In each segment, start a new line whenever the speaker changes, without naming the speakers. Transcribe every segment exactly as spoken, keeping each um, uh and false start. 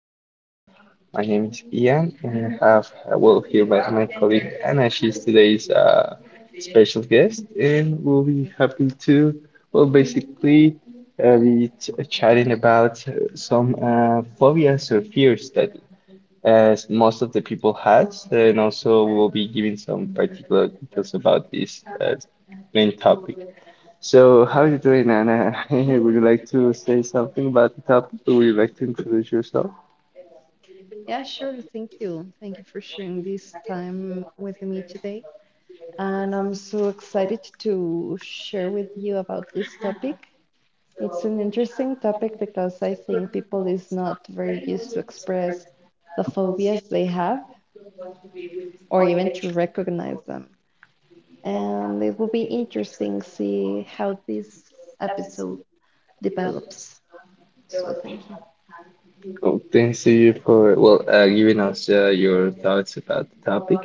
podcast. My name is Ian and I have uh, well here by my colleague Anna. She's today's uh, special guest and we'll be happy to well basically uh, be ch- chatting about uh, some uh, phobias or fears that as most of the people has, and also we'll be giving some particular details about this uh, main topic. So, how are you doing, Anna? Would you like to say something about the topic, or would you like to introduce yourself?
Yeah, sure. Thank you. Thank you for sharing this time with me today. And I'm so excited to share with you about this topic. It's an interesting topic because I think people is not very used to express the phobias they have or even to recognize them. And it will be interesting see how this episode develops. So thank you.
Cool. Thanks to you for well uh, giving us uh, your thoughts about the topic,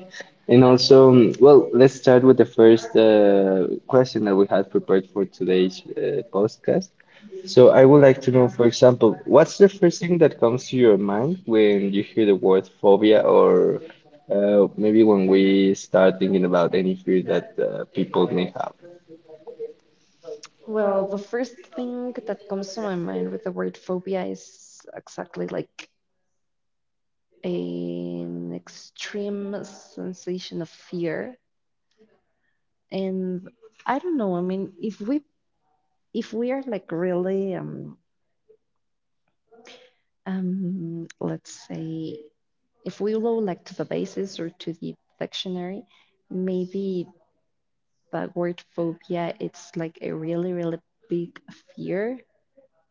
and also um, well let's start with the first uh, question that we had prepared for today's uh, podcast. So I would like to know, for example, what's the first thing that comes to your mind when you hear the word phobia, or uh, maybe when we start thinking about any fear that uh, people may have?
Well, the first thing that comes to my mind with the word phobia is exactly like an extreme sensation of fear and i don't know. I mean, if we if we are like really um um let's say if we go like to the basis or to the dictionary, maybe the word phobia, it's like a really really big fear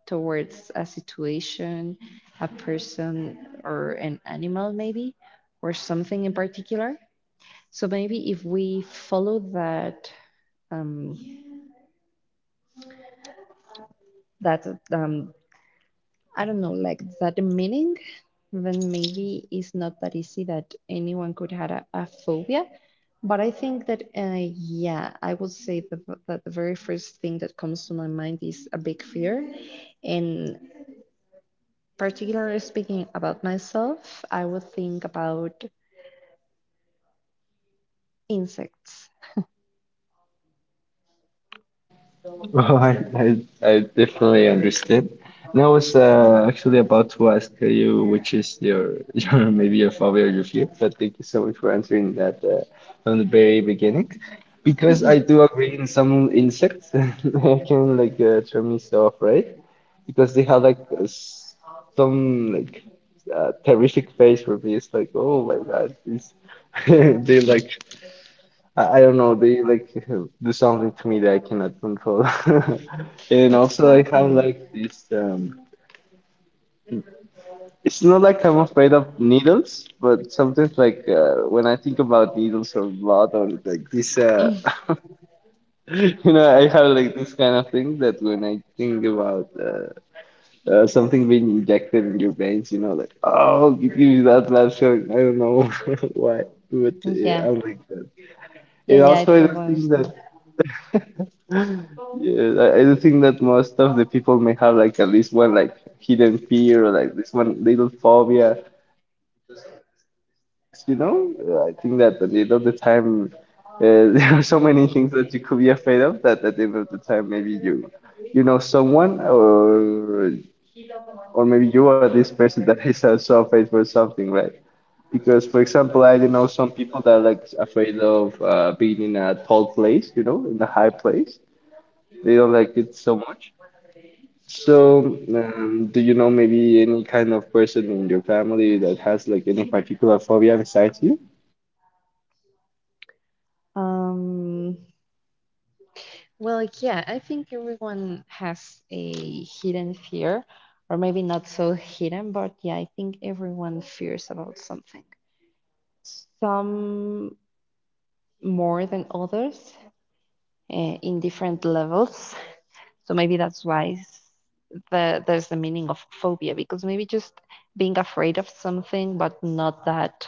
towards a situation, a person or an animal maybe, or something in particular. So maybe if we follow that, um, that, um, I don't know, like that meaning, then maybe it's not that easy that anyone could have a, a phobia. But I think that, uh, yeah, I would say that, that the very first thing that comes to my mind is a big fear. And particularly speaking about myself, I would think about insects.
Oh, I, I, I definitely understand. And I was uh, actually about to ask you which is your your maybe your phobia or your fear, but thank you so much for answering that uh, from the very beginning. Because
Mhm.
I do agree, in some insects, I can like uh, turn me so off, right? Because they have like s- some like uh, terrific face for me. It's like, oh my God, it's they like I, I don't know, they like do something to me that I cannot control. And also I
Exactly.
have like this um it's not like I'm afraid of needles, but sometimes like uh, when I think about needles or blood or like this
Mm.
uh you know, I have like this kind of thing that when I think about uh, uh, something being injected in your brains, you know, like, oh, give me that last feeling. I don't know why, but uh,
Yeah.
yeah, I'm like that.
Yeah,
And
yeah, I
also, I
totally
don't think
understand.
that, yeah, I I don't think that most of the people may have like at least one like hidden fear or like this one little phobia because of the statistics, you know. I think that at the end of the time, uh, there are so many things that you could be afraid of that at the end of the time maybe you you know someone, or or maybe you are this person that is uh, so afraid for something, right? Because, for example, I know some people that are like afraid of uh, being in a tall place, you know, in a high place. They don't like it so much. So, um, do you know maybe any kind of person in your family that has like any particular phobia besides you?
Um, well, yeah, I think everyone has a hidden fear, or maybe not so hidden, but yeah, I think everyone fears about something. Some more than others, uh, in different levels. So maybe that's why the, there's the meaning of phobia, because maybe just being afraid of something, but not that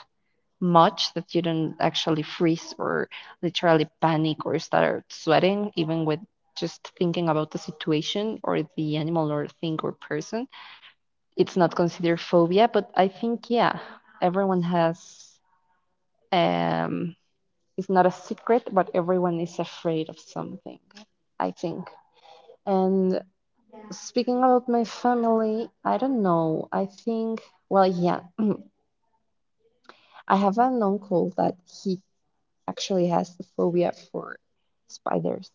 much that you don't actually freeze or literally panic or start sweating, even with just thinking about the situation or the animal or thing or person. It's not considered phobia, but I think, yeah, everyone has. Um, it's not a secret, but everyone is afraid of something, I think. And speaking about my family, I don't know. I think, well, yeah, I have an uncle that he actually has a phobia for spiders.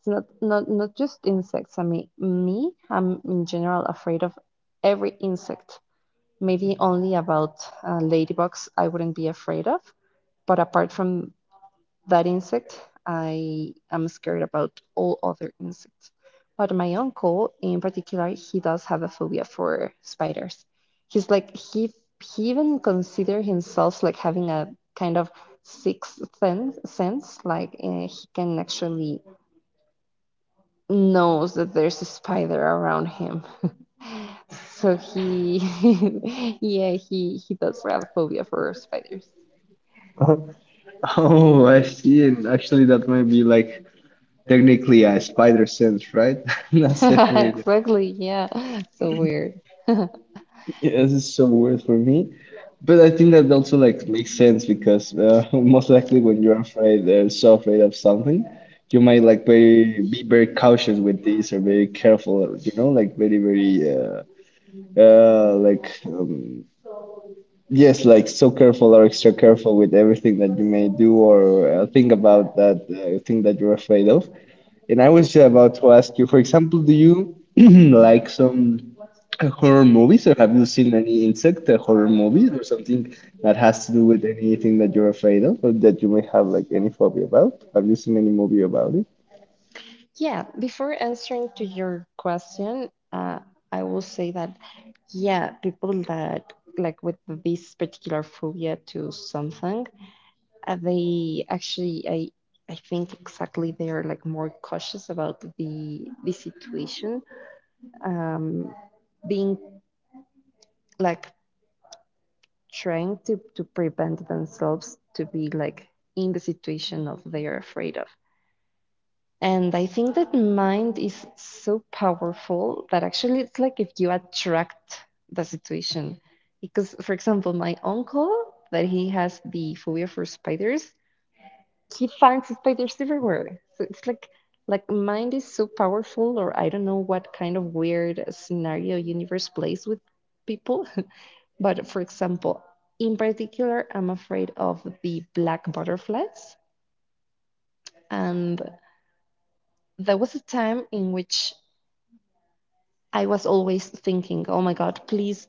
It's not not not just insects. I mean, me, I'm in general afraid of every insect. Maybe only about uh, ladybugs I wouldn't be afraid of, but apart from that insect. I am scared about all other insects. But my uncle, in particular, he does have a phobia for spiders. He's like he he even considers himself like having a kind of sixth sense, sense like uh, he can actually knows that there's a spider around him. So he, yeah, he he does have phobia for spiders.
Oh, I see. And actually, that might be like technically a spider sense, right? Not separated.
Exactly, yeah. So weird.
Yeah, this is so weird for me. But I think that also like makes sense because uh, most likely when you're afraid, uh, so afraid of something, you might like very be very cautious with this or very careful, you know, like very very uh, uh like um, yes, like so careful or extra careful with everything that you may do or uh, think about that uh, thing that you're afraid of. And I was about to ask you, for example, do you like some uh, horror movies, or have you seen any insect uh, horror movies, or something that has to do with anything that you're afraid of, or that you may have like any phobia about? Have you seen any movie about it?
Yeah, before answering to your question, uh, I will say that, yeah, people that like with this particular phobia to something, uh, they actually, I, I think exactly they are like more cautious about the the situation, um, being like trying to to prevent themselves to be like in the situation of they are afraid of. And I think that mind is so powerful that actually it's like if you attract the situation. Because, for example, my uncle, that he has the phobia for spiders, he finds spiders everywhere. So it's like, like mind is so powerful, or I don't know what kind of weird scenario universe plays with people. But for example, in particular, I'm afraid of the black butterflies. And there was a time in which I was always thinking, oh my God, please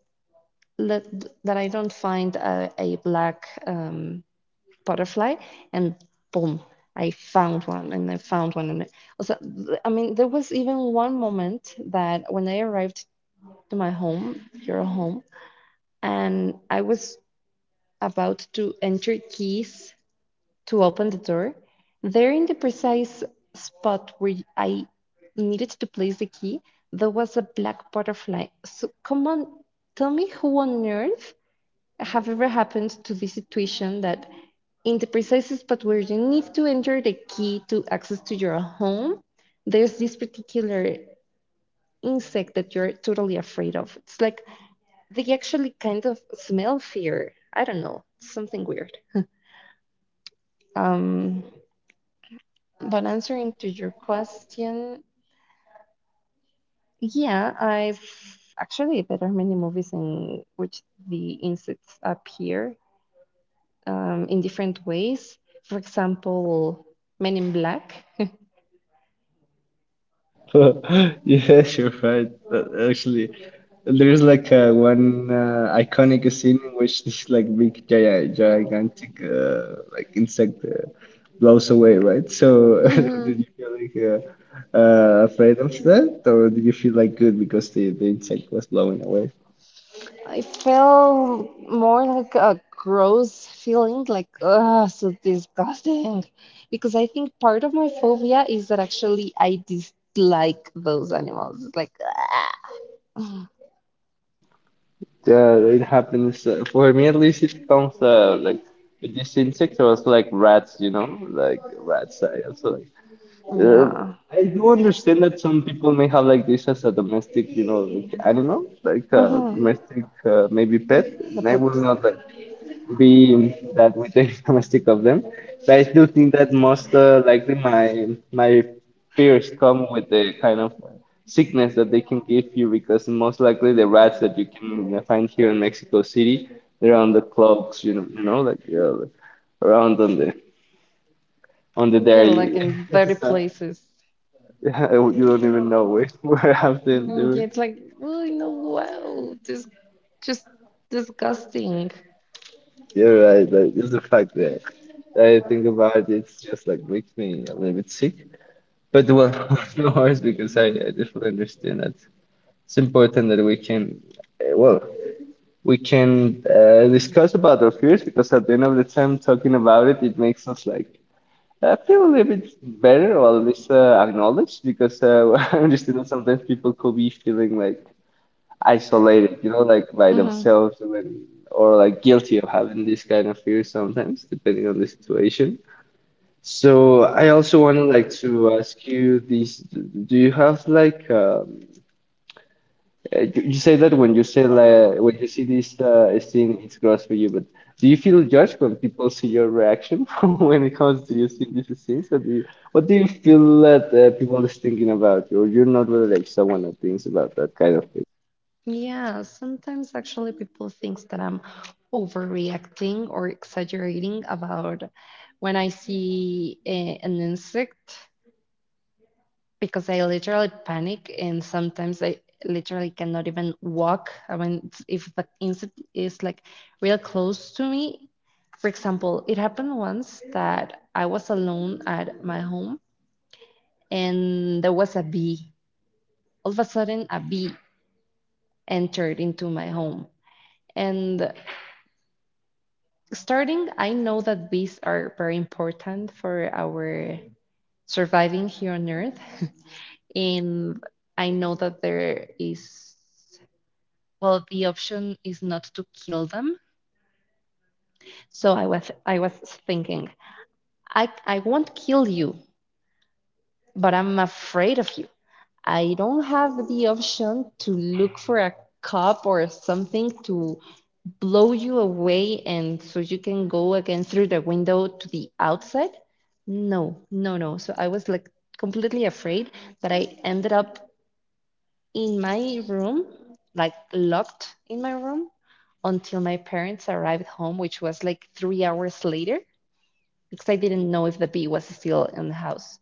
let, that I don't find a, a black um, butterfly. And boom, I found one and I found one. And also, I mean, there was even one moment that when I arrived to my home, your home, and I was about to enter keys to open the door. There, in the precise spot where I needed to place the key, there was a black butterfly. So, come on, tell me who on earth have ever happened to this situation that in the precise spot where you need to enter the key to access to your home, there's this particular insect that you're totally afraid of. It's like they actually kind of smell fear. I don't know, something weird. Um, But answering to your question, yeah, I've actually there are many movies in which the insects appear um, in different ways. For example, Men in Black.
Yes, you're right. Uh, Actually, there is like uh, one uh, iconic scene in which this like big gi- gigantic uh, like insect uh, blows away, right? So
hmm
did you feel like uh, uh, afraid of that, or did you feel like good because the, the insect was blowing away?
I felt more like a gross feeling, like, ugh, so disgusting. Because I think part of my phobia is that actually I dislike those animals. Like, ah.
Yeah, it happens. Uh, for me, at least, it comes uh, like with this insect was like rats, you know, like rats. I also like Uh,
Yeah.
I do understand that some people may have like this as a domestic, you know, like animal, like a
Uh-huh.
domestic uh, maybe pet, and
But
I will
that,
not like be that with the domestic of them. But I do think that most uh, likely my my fears come with the kind of sickness that they can give you, because most likely the rats that you can find here in Mexico City, they're on the clothes, you know, you know, like uh, around on the on the
yeah, like
dairy.
in dirty places.
Yeah, you don't even know where, where I've been
And
doing.
it's like, oh, no, wow, this just disgusting.
You're right. Like just the fact that I think about it, it's just like makes me a little bit sick. But well, no worries because I, I definitely understand that it's important that we can, uh, well, we can uh, discuss about our fears, because at the end of the time, talking about it, it makes us like uh, feel a little bit better, or at least uh, acknowledged, because uh, I understand that sometimes people could be feeling like isolated, you know, like by
Mhm.
themselves, and or like guilty of having this kind of fear sometimes, depending on the situation. So I also want to like to ask you this, do you have like um, uh, you you say that when you say like when you see this uh, scene, it's gross for you, but do you feel judged when people see your reaction when it comes to you seeing these scenes? Or do you, what do you feel that uh, people is thinking about you, or you're not really like someone that thinks about that kind of
Yeah, sometimes actually people thinks that I'm overreacting or exaggerating about when I see a, an insect because I literally panic and sometimes I literally cannot even walk. I mean, if the insect is like real close to me, for example, it happened once that I was alone at my home and there was a bee. All of a sudden, a bee entered into my home. And starting, I know that bees are very important for our surviving here on Earth. And I know that there is well, the option is not to kill them. So I was I was thinking, I I won't kill you, but I'm afraid of you. I don't have the option to look for a cup or something to blow you away and so you can go again through the window to the outside. No, no, no. So I was like completely afraid that I ended up in my room, like locked in my room until my parents arrived home, which was like three hours later because I didn't know if the bee was still in the house.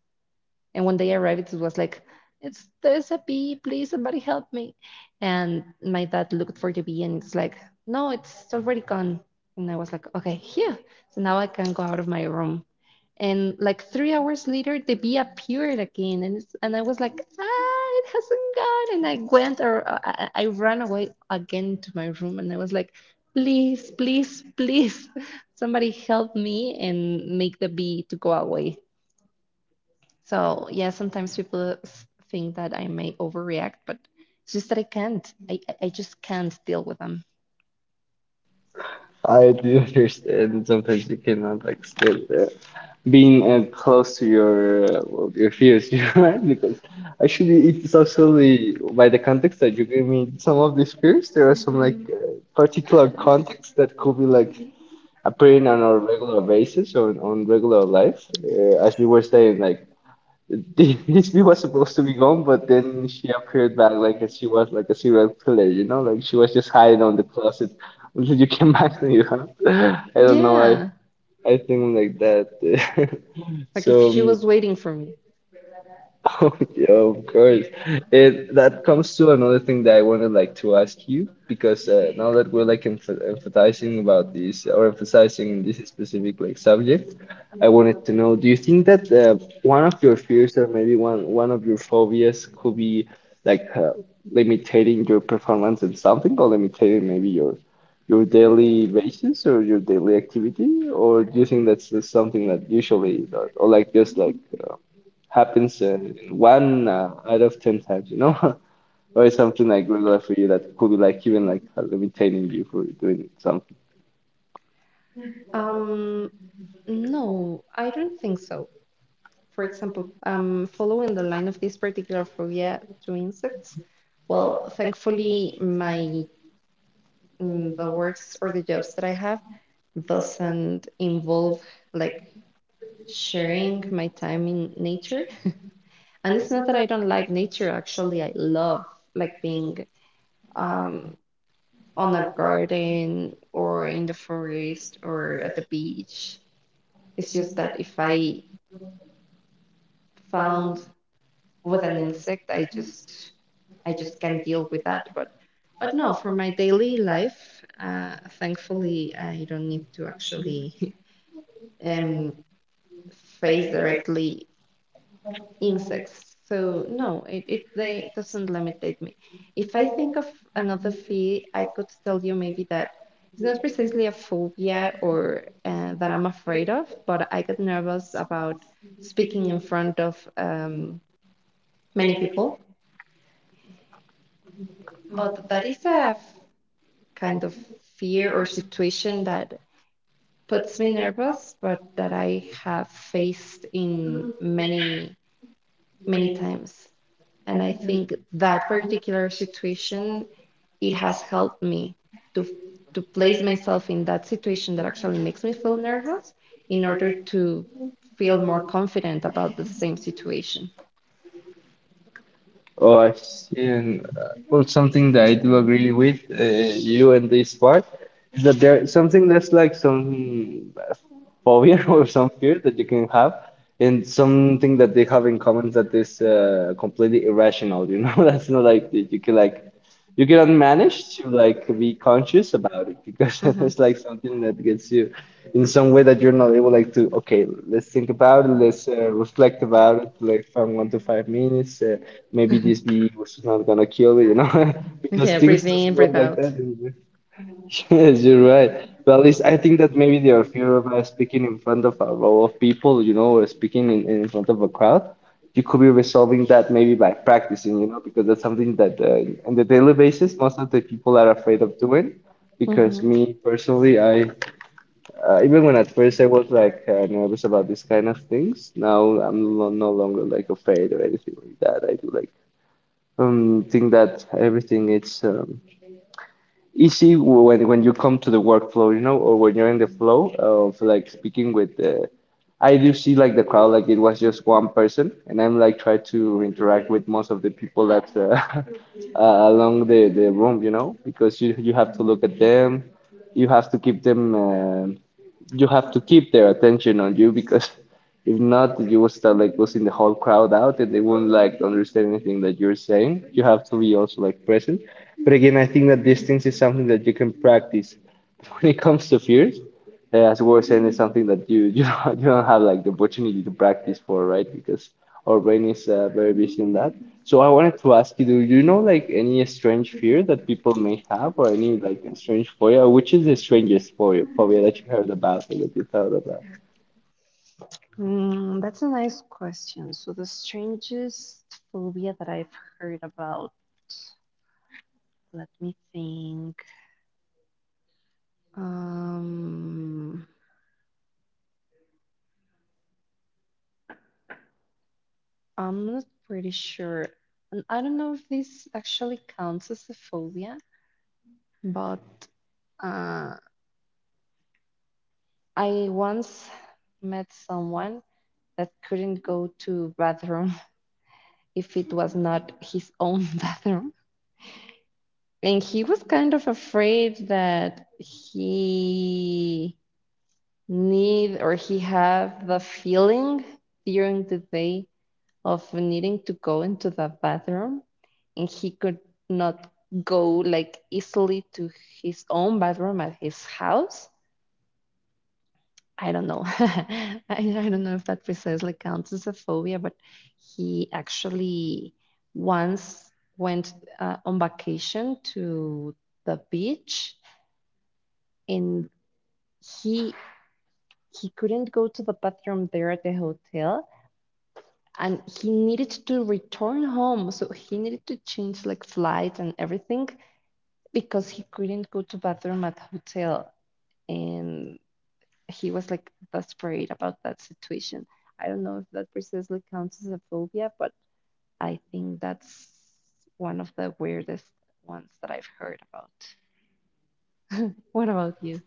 And when they arrived, it was like, it's there's a bee, please somebody help me. And my dad looked for the bee and it's like, no, it's already gone. And I was like, okay, here. So now I can go out of my room. And like three hours later, the bee appeared again, and it's, and I was like, ah, it hasn't gone. And I went or uh, I, I ran away again to my room, and I was like, please, please, please, somebody help me and make the bee to go away. So yeah, sometimes people s- think that I may overreact, but it's just that I can't. I I I just can't deal with them.
I do understand that sometimes you cannot like stand there, being uh, close to your uh, well, your fears, you know, right? Because actually it's actually by the context that you gave me some of these fears, there are some like uh, particular contexts that could be like appearing on a regular basis or on regular life, uh, as you were saying, like this view was supposed to be gone, but then she appeared back like as she was like a serial killer, you know, like she was just hiding on the closet until you came back to you. Huh? I don't know. I
Yeah,
I think like that.
like if
So,
she
um,
was waiting for me.
oh, yeah, of course. It that comes to another thing that I wanted like to ask you, because uh, now that we're like emph emphasizing about this or emphasizing this specific like subject, I wanted to know, do you think that uh, one of your fears or maybe one one of your phobias could be like uh, limiting your performance in something, or limiting maybe your your daily basis or your daily activity, or do you think that's just something that usually or, or like just like happens uh, one uh, out of ten times, you know, or is something like regular for you that could be like even like uh, limiting you for doing something?
Um, no, I don't think so. For example, um, following the line of this particular phobia to insects. Well, thankfully, my mm, the works or the jobs that I have doesn't involve like sharing my time in nature. And it's not that I don't like nature, actually, I love like being um on a garden or in the forest or at the beach. It's just that if I found with an insect, I just I just can't deal with that. But but no, for my daily life, uh, thankfully, I don't need to actually um face directly insects. So no, it, it they it doesn't limitate me. If I think of another fear, I could tell you maybe that it's not precisely a phobia or uh, that I'm afraid of, but I get nervous about speaking in front of um, many people. But that is a f- kind of fear or situation that puts me nervous, but that I have faced in many many times. And I think that particular situation, it has helped me to to place myself in that situation that actually makes me feel nervous in order to feel more confident about the same situation.
Oh, I see. And uh, well, something that I do agree with uh, you in this part is that there something that's like some uh, phobia or some fear that you can have, and something that they have in common that is uh, completely irrational. You know, that's not like that you can like you cannot manage to like be conscious about it because
Mhm.
there's like something that gets you in some way that you're not able like to okay let's think about it, let's uh, reflect about it like from one to five minutes. Uh, maybe this bee was not gonna kill me, you know, because
Yeah,
things
breathe
doesn't
in,
work
breathe
like that.
out.
Yes, you're right. But at least I think that maybe their fear of uh, speaking in front of a row of people, you know, or speaking in, in front of a crowd, you could be resolving that maybe by practicing, you know, because that's something that uh, on the daily basis, most of the people are afraid of doing. Because
Mhm.
me personally, I uh, even when at first I was like uh, nervous about these kind of things, now I'm lo- no longer like afraid or anything like that. I do like um think that everything is, um, easy when when you come to the workflow, you know, or when you're in the flow of like speaking with the. I do see like the crowd, like it was just one person, and I'm like try to interact with most of the people that's uh, uh, along the the room, you know, because you you have to look at them, you have to keep them, uh, you have to keep their attention on you because if not, you will start like losing the whole crowd out and they won't like understand anything that you're saying. You have to be also like present. But again, I think that distance is something that you can practice. When it comes to fears, uh, as we were saying, it's something that you you don't, you don't have like the opportunity to practice for, right? Because our brain is uh, very busy in that. So I wanted to ask you, do you know like any strange fear that people may have, or any like strange phobia? Which is the strangest phobia phobia that you heard about or that you thought about?
Mm, that's a nice question. So the strangest phobia that I've heard about, let me think. Um, I'm not pretty sure. And I don't know if this actually counts as a phobia, but Uh, I once met someone that couldn't go to bathroom if it was not his own bathroom. And he was kind of afraid that he need or he have the feeling during the day of needing to go into the bathroom and he could not go like easily to his own bathroom at his house. I don't know. I, I don't know if that precisely counts as a phobia, but he actually once went uh, on vacation to the beach and he he couldn't go to the bathroom there at the hotel and he needed to return home, so he needed to change like flight and everything because he couldn't go to bathroom at hotel and he was like desperate about that situation. I don't know if that precisely counts as a phobia, but I think that's one of the weirdest ones that I've heard about. What about you?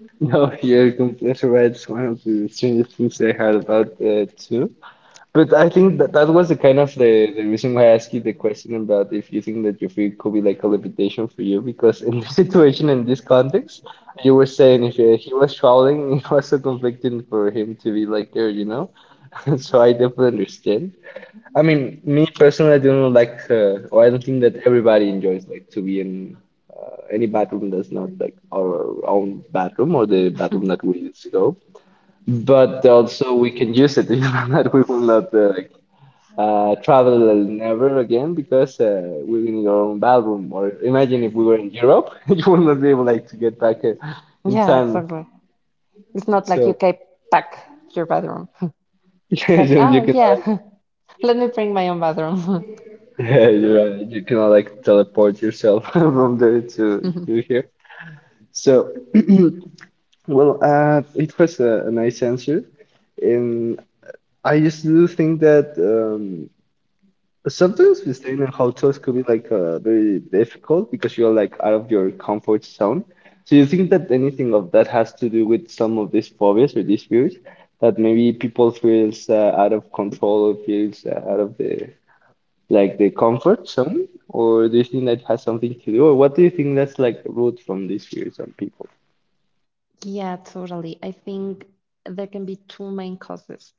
No, you're completely right. It's one of the strangest things I heard about uh, too. But I think that that was the kind of the, the reason why I asked you the question about if you think that your fear could be like a limitation for you, because in this situation, in this context, you were saying if uh, he was traveling, it was so conflicting for him to be like there, you know? So I definitely understand. I mean, me personally, I don't like, uh, or I don't think that everybody enjoys like to be in uh, any bathroom that's not like our own bathroom or the bathroom that we used to go. But also, we can use it, you know, that we will not uh, like uh, travel never again because uh, we're in our own bathroom. Or imagine if we were in Europe, you would not be able like to get back uh, in
Yeah,
time.
exactly. It's not like you
So
keep pack your bathroom. Like,
you
oh
can
yeah, let me bring my own bathroom.
Yeah, you're right. You cannot like teleport yourself from there to to here. So, well, uh, it was a, a nice answer, and I just do think that um, sometimes we staying in hotels could be like uh, very difficult because you're like out of your comfort zone. So, you think that anything of that has to do with some of these phobias or these fears that maybe people feels uh, out of control, feels uh, out of the like the comfort zone, or do you think that has something to do, or what do you think that's like root from these fears on people?
Yeah, totally. I think there can be two main causes.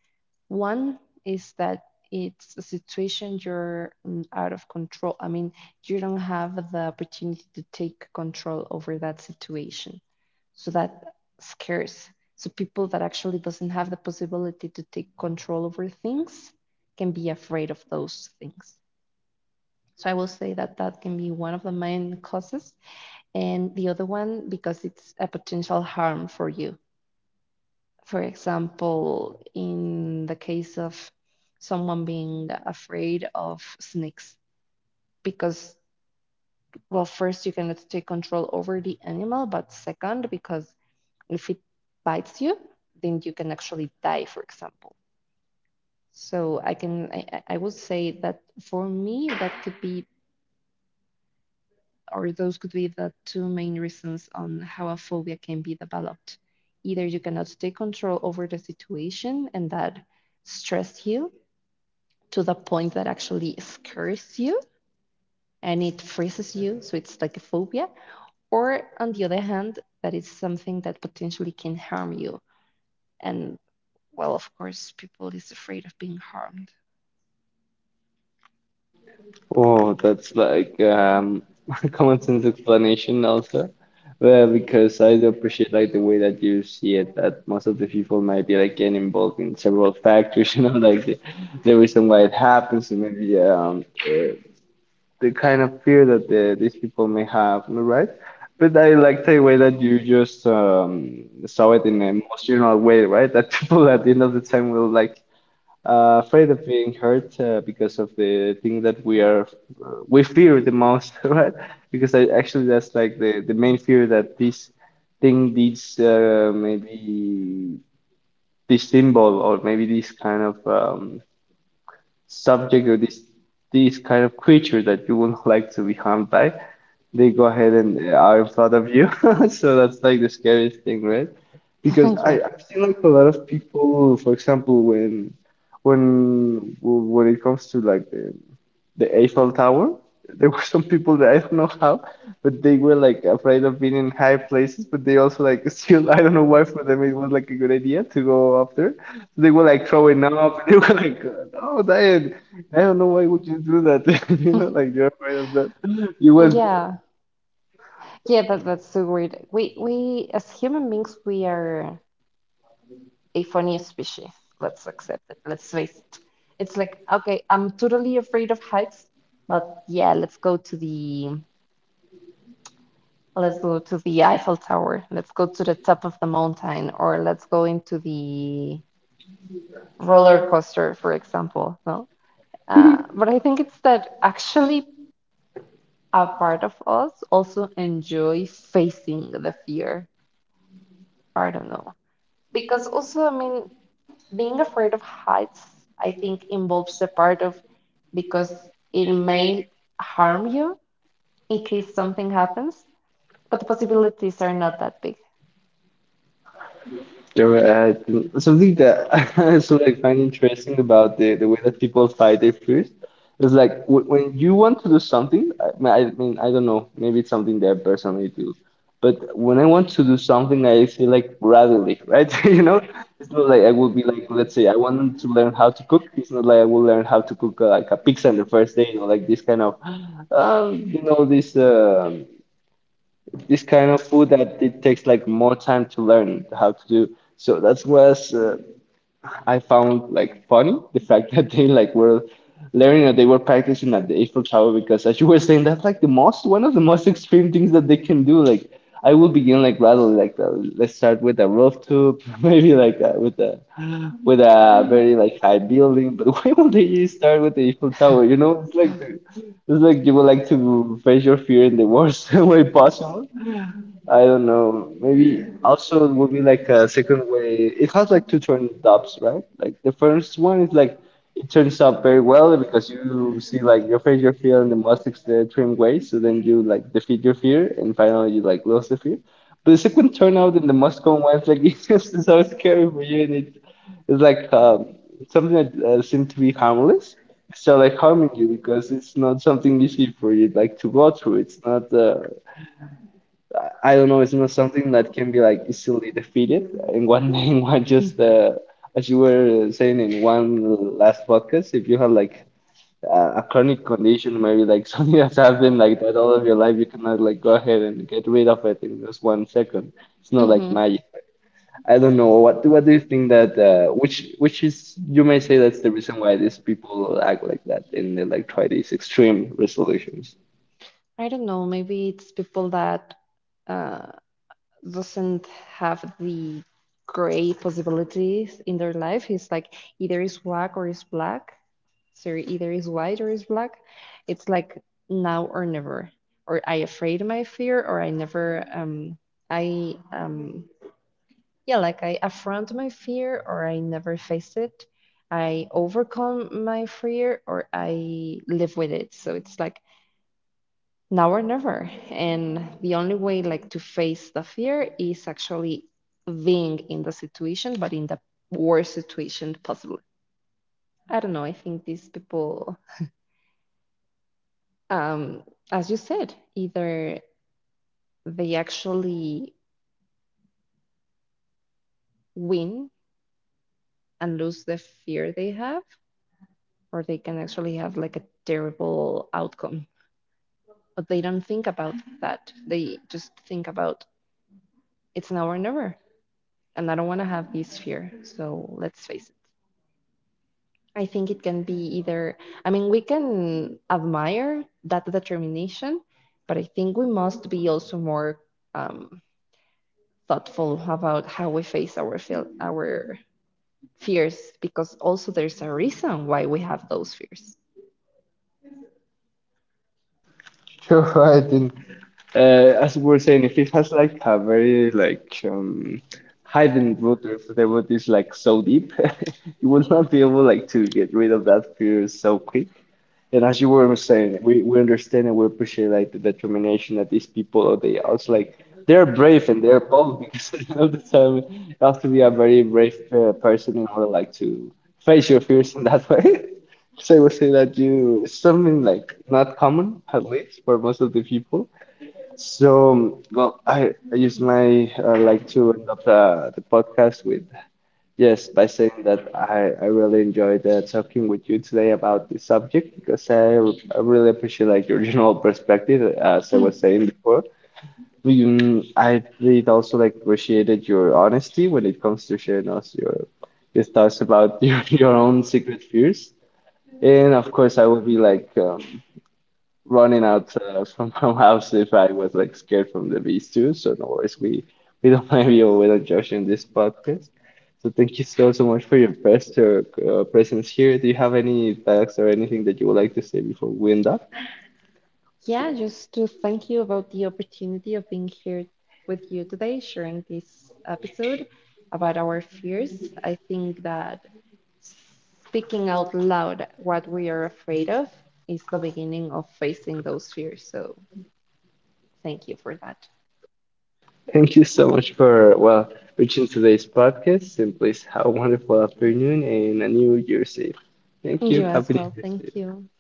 One is that it's a situation you're mm, out of control. I mean, you don't have the opportunity to take control over that situation. So that scares. So people that actually doesn't have the possibility to take control over things can be afraid of those things. So I will say that that can be one of the main causes, and the other one because it's a potential harm for you. For example, in the case of someone being afraid of snakes, because, well, first, you cannot take control over the animal, but second, because if it bites you, then you can actually die, for example. So I can, I, I would say that for me, that could be, or those could be the two main reasons on how a phobia can be developed. Either you cannot take control over the situation and that stressed you, to the point that actually scares you and it freezes you, so it's like a phobia, or on the other hand, that it's something that potentially can harm you. And well, of course, people is afraid of being harmed.
Oh, that's like um common sense explanation also. Well, because I do appreciate like the way that you see it, that most of the people might be like getting involved in several factors, you know, like the, the reason why it happens, and maybe um uh, the kind of fear that the, these people may have, am I right? But I like the way that you just um, saw it in an emotional way, right? That people at the end of the time will like uh, afraid of being hurt uh, because of the thing that we are uh, we fear the most, right? Because I, actually that's like the, the main fear that this thing, this uh, maybe this symbol or maybe this kind of um, subject or this these kind of creature that you would not like to be harmed by, they go ahead and uh, are in front of you. So that's like the scariest thing, right?
yeah,
Because
I've
I, I've
seen
seen like
like
a
a
lot
lot of
of
people
people,
who,
for
for
example,
example,
when when when it comes to like the the Eiffel Tower. There were some people that I don't know how, but they were like afraid of being in high places, but they also like still I don't know why for them it was like a good idea to go up there, so they were like throwing up. They were like, "Oh, Diane, I don't know why would you do that." You know, like you're afraid of that. You
when-
was
Yeah, yeah, that, that's so weird. We we as human beings we are aphonia species. Let's accept it. Let's face it. It's like, okay, I'm totally afraid of heights, but yeah, let's go to the let's go to the Eiffel Tower. Let's go to the top of the mountain, or let's go into the roller coaster, for example. No, uh, but I think it's that actually a part of us also enjoy facing the fear. I don't know because also, I mean, being afraid of heights, I think, involves the part of because it may harm you in case something happens, but the possibilities are not that big.
there were, uh, something that I sort of find interesting about the, the way that people fight their fears is like w when you want to do something, I, I mean, I don't know, maybe it's something that I personally do, but when I want to do something, I feel like gradually, right? You know, it's not like I would be like, let's say, I want to learn how to cook. It's not like I will learn how to cook uh, like a pizza on the first day, you know, like this kind of, um, you know, this. um this kind of food that it takes like more time to learn how to do. So that was uh, I found like funny the fact that they like were learning and they were practicing at the Eiffel Tower because as you were saying that's like the most one of the most extreme things that they can do. Like I will begin like rather like uh, let's start with a rooftop, maybe like uh, with a with a very like high building. But why would they start with the Eiffel Tower? You know, it's like the, it's like you would like to face your fear in the worst way possible. I don't know. Maybe also it would be like a second way. It has like two turn ups, right? Like the first one is like it turns out very well because you see like your face, your fear, and the most the trim way. So then you like defeat your fear, and finally you like lose the fear. But the second turnout in the most common one is like it's just so scary for you, and it, it's like um, something that uh, seems to be harmless. So like harming you because it's not something easy for you like to go through. It's not uh, I don't know, it's not something that can be like easily defeated. And one in one just uh, as you were saying in one last podcast, if you have like a a chronic condition, maybe like something that's happened like that all of your life, you cannot like go ahead and get rid of it in just one second. It's not like
Hmm.
magic. I don't know what what do you think that uh, which which is you may say that's the reason why these people act like that and they like try these extreme resolutions.
I don't know. Maybe it's people that uh, doesn't have the gray possibilities in their life. It's like either it's white or it's black. So either is white or is black. It's like now or never, or I afraid my fear, or I never um I um yeah like I affront my fear, or I never face it. I overcome my fear, or I live with it. So it's like now or never, and the only way like to face the fear is actually being in the situation, but in the worst situation possible. I don't know. I think these people um, as you said, either they actually win and lose the fear they have, or they can actually have like a terrible outcome. But they don't think about that. They just think about it's now or never. And I don't want to have this fear. So let's face it. I think it can be either, I mean, we can admire that determination, but I think we must be also more um, thoughtful about how we face our, feel, our fears because also there's a reason why we have those fears.
You're right. And uh, as we were saying, if it has like a very like um, hidden root, if the root is like so deep, you would not be able like to get rid of that fear so quick. And as you were saying, we, we understand and we appreciate like the determination that these people, oh, they are also like they're brave and they're bold because at the end of the time you have to be a very brave uh, person in order like to face your fears in that way. So I would say that you it's something like not common at least for most of the people. So um, well, I, I use my uh, like to end up uh, the podcast with yes, by saying that I, I really enjoyed uh, talking with you today about this subject because I, I really appreciate like your general perspective, as I
Hmm.
was saying before. Mm, I did also like appreciated your honesty when it comes to sharing us your your thoughts about your, your own secret fears. And of course, I will be like um, running out uh, from my house if I was like scared from the beast too. So no worries, we we don't blame you, we don't judge you in this podcast. So thank you so so much for your best uh, uh, presence here. Do you have any facts or anything that you would like to say before we end up?
Yeah, just to thank you about the opportunity of being here with you today, sharing this episode about our fears. I think that speaking out loud what we are afraid of is the beginning of facing those fears. So thank you for that.
Thank you so much for well reaching today's podcast. And please have a wonderful afternoon and a New Year's Eve. Thank
And you
you. Happy
as
New
well.
Year's
Thank
Eve.
you.